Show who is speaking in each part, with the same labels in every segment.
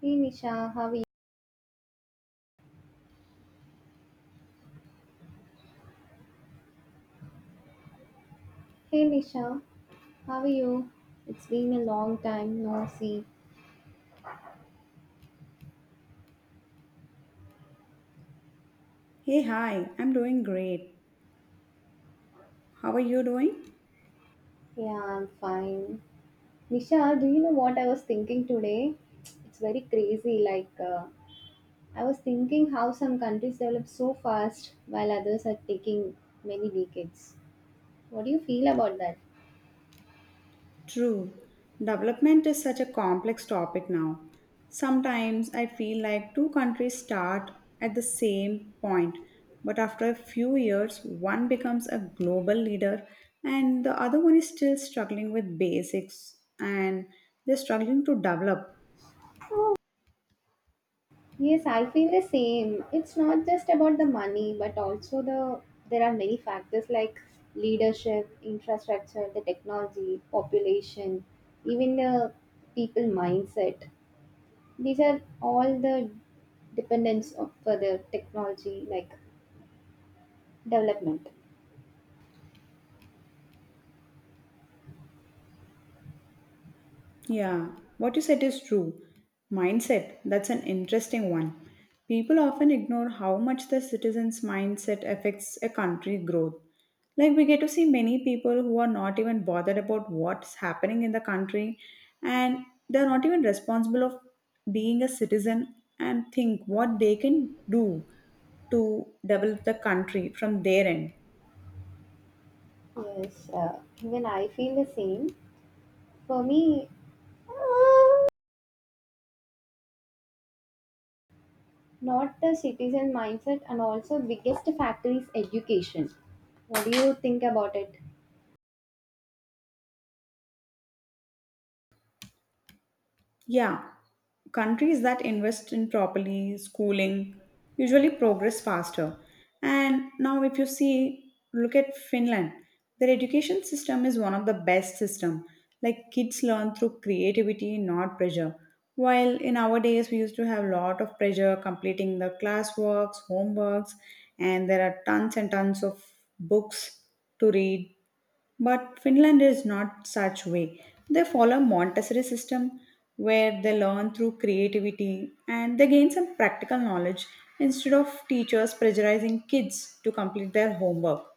Speaker 1: Hey Nisha, how are you? Hey Nisha, how are you? It's been a long time, no see.
Speaker 2: Hey, hi, I'm doing great. How are you doing?
Speaker 1: Yeah, I'm fine. Nisha, do you know what I was thinking today? It's very crazy. I was thinking how some countries develop so fast while others are taking many decades. What do you feel about that?
Speaker 2: True. Development is such a complex topic now. Sometimes I feel like two countries start at the same point, but after a few years, one becomes a global leader and the other one is still struggling with basics and they're struggling to develop.
Speaker 1: Yes, I feel the same. It's not just about the money, but also there are many factors like leadership, infrastructure, the technology, population, even the people mindset. These are all the dependence of for the technology like development.
Speaker 2: Yeah, what you said is true. Mindset, that's an interesting one. People often ignore how much the citizens' mindset affects a country growth. Like we get to see many people who are not even bothered about what's happening in the country and they're not even responsible of being a citizen and think what they can do to develop the country from their end.
Speaker 1: Yes, even I feel the same. For me, not the citizen mindset, and also biggest factor is education. What do you think about it?
Speaker 2: Yeah, countries that invest in properly schooling usually progress faster. And now, if you see, look at Finland. Their education system is one of the best system. Like kids learn through creativity, not pressure. While in our days we used to have a lot of pressure completing the classworks, homeworks, and there are tons and tons of books to read, but Finland is not such way. They follow Montessori system where they learn through creativity and they gain some practical knowledge instead of teachers pressurizing kids to complete their homework.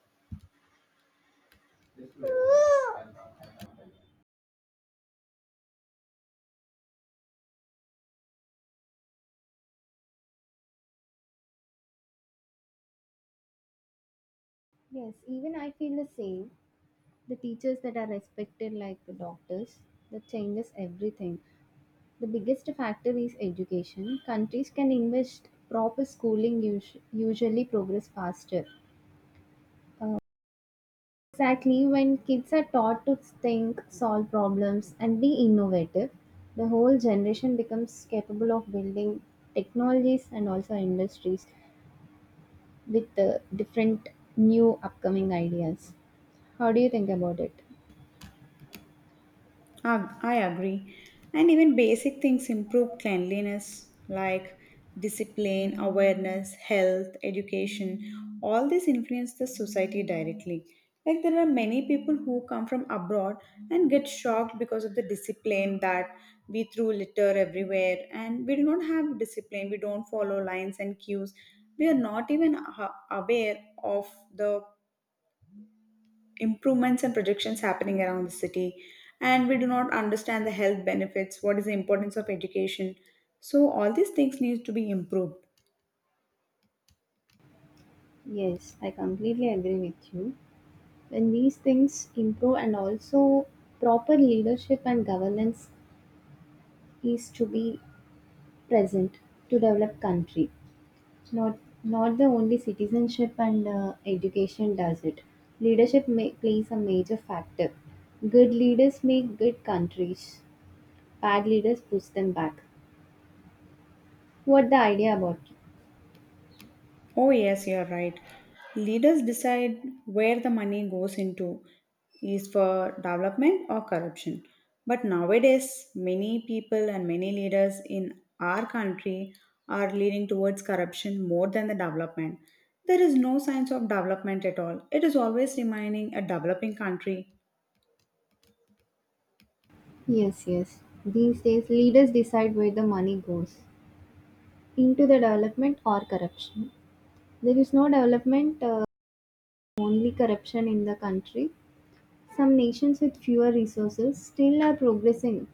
Speaker 1: Yes, even I feel the same. The teachers that are respected, like the doctors, that changes everything. The biggest factor is education. Countries can invest proper schooling, usually progress faster. Uh, exactly when kids are taught to think, solve problems, and be innovative, the whole generation becomes capable of building technologies and also industries with the different new upcoming ideas. How do you think about it?
Speaker 2: I agree. And even basic things improve cleanliness like discipline, awareness, health, education. All these influence the society directly. Like there are many people who come from abroad and get shocked because of the discipline that we throw litter everywhere and we do not have discipline. We don't follow lines and cues. We are not even aware of the improvements and projections happening around the city, and we do not understand the health benefits, what is the importance of education. So all these things need to be improved.
Speaker 1: Yes, I completely agree with you. When these things improve, and also proper leadership and governance is to be present to develop country. Not not the only citizenship and education does it. Leadership may, plays a major factor. Good leaders make good countries. Bad leaders push them back. What the idea about?
Speaker 2: Oh yes, you are right. Leaders decide where the money goes into, is for development or corruption. But nowadays many people and many leaders in our country are leaning towards corruption more than the development. There is no signs of development at all, it is always remaining a developing country.
Speaker 1: Yes, yes. These days, leaders decide where the money goes into the development or corruption. There is no development, only corruption in the country. Some nations with fewer resources still are progressing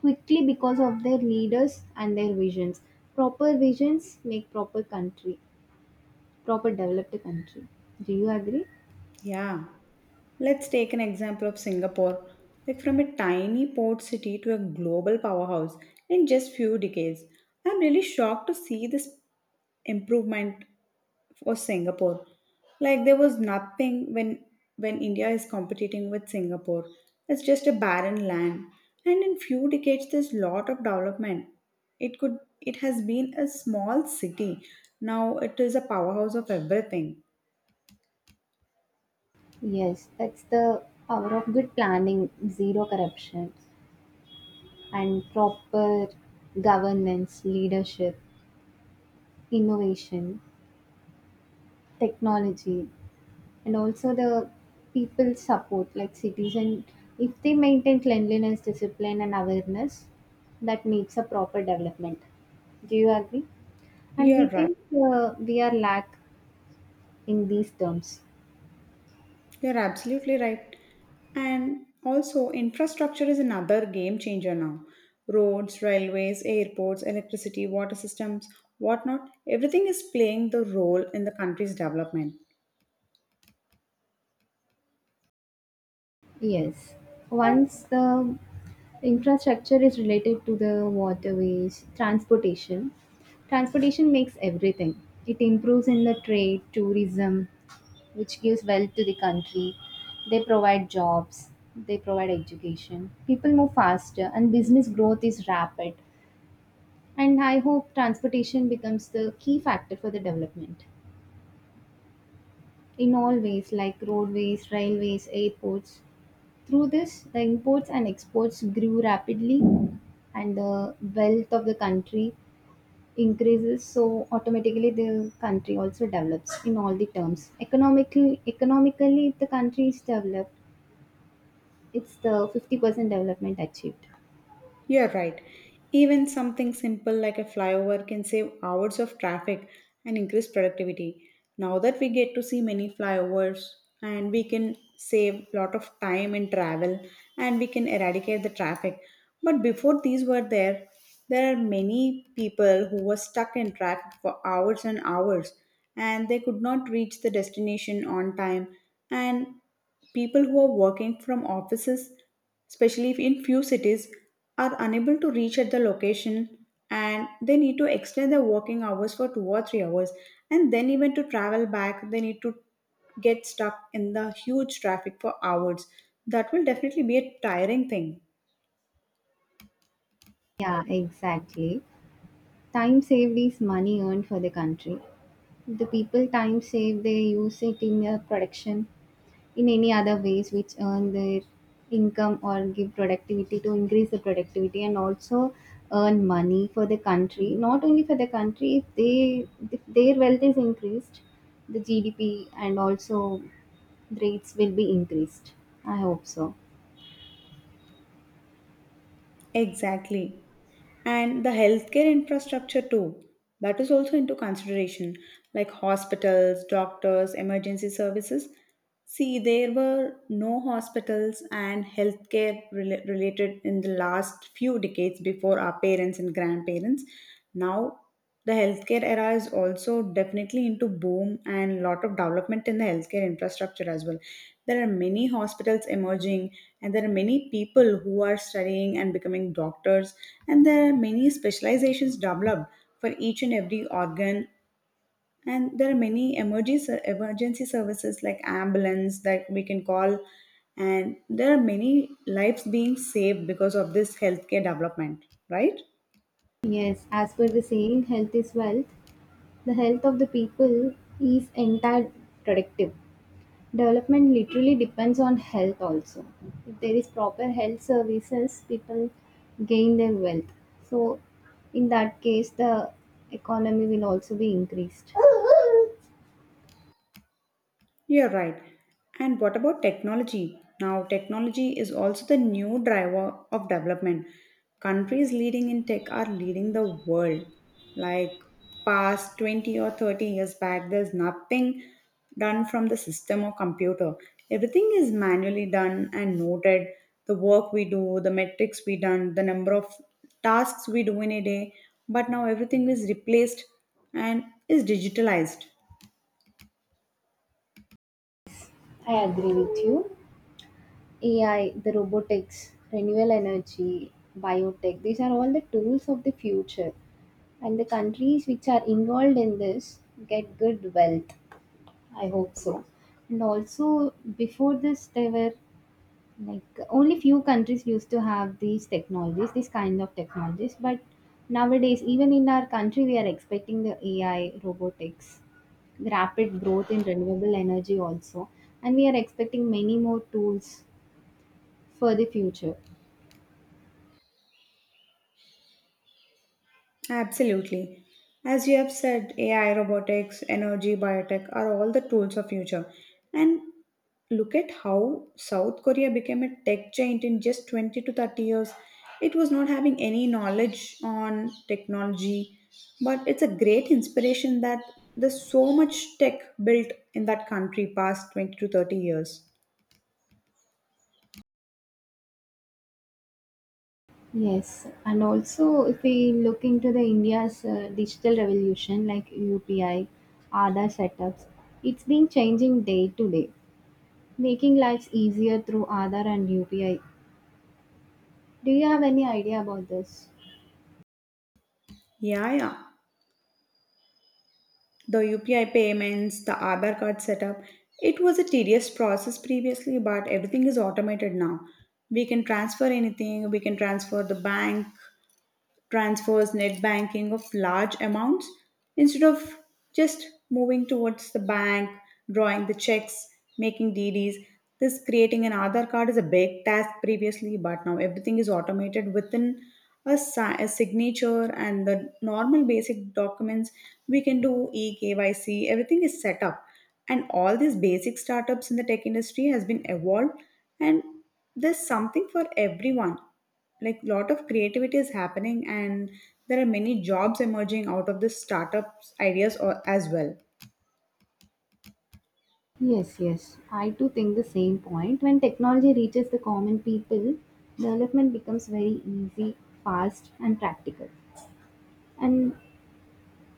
Speaker 1: quickly because of their leaders and their visions. Proper visions make proper country, proper developed country. Do you agree?
Speaker 2: Yeah, let's take an example of Singapore. Like from a tiny port city to a global powerhouse in just few decades. I'm really shocked to see this improvement for Singapore. Like there was nothing when India is competing with Singapore. It's just a barren land. And in few decades there's lot of development. It has been a small city. Now it is a powerhouse of everything.
Speaker 1: Yes, that's the power of good planning, zero corruption, and proper governance, leadership, innovation, technology. And also the people support like citizen, if they maintain cleanliness, discipline and awareness, that needs a proper development. Do you agree? And we
Speaker 2: You're right.
Speaker 1: think, we are lack in these terms.
Speaker 2: You're absolutely right. And also, infrastructure is another game changer now. Roads, railways, airports, electricity, water systems, whatnot, everything is playing the role in the country's development.
Speaker 1: Yes, once the infrastructure is related to the waterways transportation, transportation makes everything, it improves in the trade tourism, which gives wealth to the country. They provide jobs, they provide education. People move faster, and business growth is rapid. And I hope transportation becomes the key factor for the development in all ways, like roadways, railways, airports. Through this, the imports and exports grew rapidly, and the wealth of the country increases, so automatically the country also develops in all the terms economically. The country is developed. It's the 50% development achieved.
Speaker 2: You're right. Even something simple like a flyover can save hours of traffic and increase productivity. Now that we get to see many flyovers, and we can save lot of time in travel and we can eradicate the traffic. But before these were there, there are many people who were stuck in traffic for hours and hours and they could not reach the destination on time, and people who are working from offices, especially if in few cities, are unable to reach at the location, and they need to extend their working hours for 2 or 3 hours, and then even to travel back they need to get stuck in the huge traffic for hours. That will definitely be a tiring thing.
Speaker 1: Yeah, exactly. Time saved is money earned for the country. The people time saved, they use it in their production, in any other ways which earn their income or give productivity to increase the productivity and also earn money for the country. Not only for the country, if their wealth is increased, the GDP and also rates will be increased. I hope so.
Speaker 2: Exactly. And the healthcare infrastructure too, that is also into consideration, like hospitals, doctors, emergency services. See, there were no hospitals and healthcare related in the last few decades before our parents and grandparents. Now the healthcare era is also definitely into boom, and lot of development in the healthcare infrastructure as well. There are many hospitals emerging, and there are many people who are studying and becoming doctors, and there are many specializations developed for each and every organ. And there are many emergency services like ambulance that we can call, and there are many lives being saved because of this healthcare development, right?
Speaker 1: Yes, as per the saying, health is wealth. The health of the people is entirely predictive. Development literally depends on health also. If there is proper health services, people gain their wealth. So in that case the economy will also be increased.
Speaker 2: You're right. And what about technology? Now, technology is also the new driver of development. Countries leading in tech are leading the world. Like past 20 or 30 years back, there's nothing done from the system or computer. Everything is manually done and noted. The work we do, the metrics we done, the number of tasks we do in a day. But now everything is replaced and is digitalized.
Speaker 1: I agree with you. AI, the robotics, renewable energy, biotech, these are all the tools of the future. And the countries which are involved in this get good wealth. I hope so. And also, before this, there were like only few countries used to have these technologies, this kind of technologies. But nowadays, even in our country, we are expecting the AI, robotics, rapid growth in renewable energy also, and we are expecting many more tools for the future.
Speaker 2: Absolutely. As you have said, AI, robotics, energy, biotech are all the tools of future. And look at how South Korea became a tech giant in just 20 to 30 years. It was not having any knowledge on technology, but it's a great inspiration that there's so much tech built in that country past 20 to 30 years.
Speaker 1: Yes, and also if we look into the India's digital revolution like UPI, other setups, it's been changing day to day. Making lives easier through Aadhaar and UPI. Do you have any idea about this?
Speaker 2: Yeah, yeah, the UPI payments, the Aadhaar card setup. It was a tedious process previously, but everything is automated now. We can transfer anything, we can transfer the bank transfers, net banking of large amounts instead of just moving towards the bank, drawing the checks, making DDs. This creating an Aadhaar card is a big task previously, but now everything is automated within a signature and the normal basic documents. We can do eKYC, everything is set up. And all these basic startups in the tech industry has been evolved, and there's something for everyone, like lot of creativity is happening and there are many jobs emerging out of this startups ideas or, as well.
Speaker 1: Yes, yes. I too think the same point. When technology reaches the common people, development becomes very easy, fast, and practical. And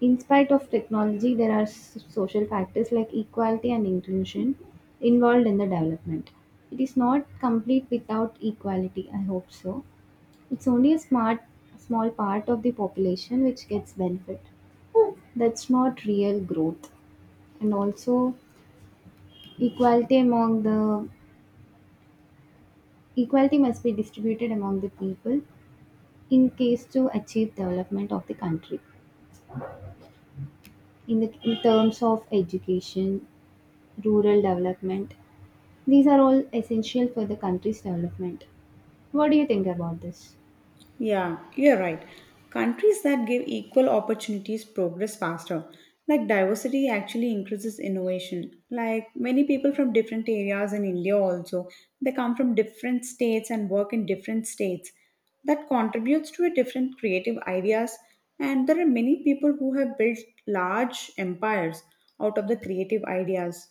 Speaker 1: in spite of technology, there are social factors like equality and inclusion involved in the development. It is not complete without equality, I hope so. It's only a smart, small part of the population which gets benefit. That's not real growth, and also equality among the, equality must be distributed among the people in case to achieve development of the country, in the in terms of education, rural development. These are all essential for the country's development. What do you think about this?
Speaker 2: Yeah, you're right. Countries that give equal opportunities progress faster. Like diversity actually increases innovation. Like many people from different areas in India also, they come from different states and work in different states, that contributes to a different creative ideas. And there are many people who have built large empires out of the creative ideas.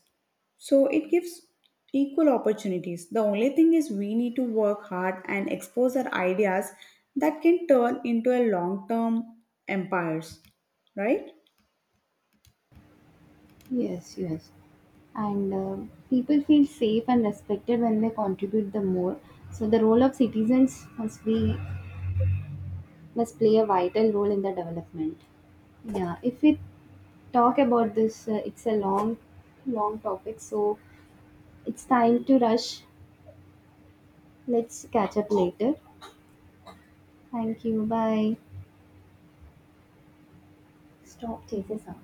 Speaker 2: So it gives equal opportunities. The only thing is we need to work hard and expose our ideas that can turn into a long term empires, right?
Speaker 1: Yes, yes. And people feel safe and respected when they contribute the more, so the role of citizens must be, must play a vital role in the development. Yeah, if we talk about this, it's a long, long topic, so it's time to rush. Let's catch up later. Thank you. Bye. Stop. Take This Chase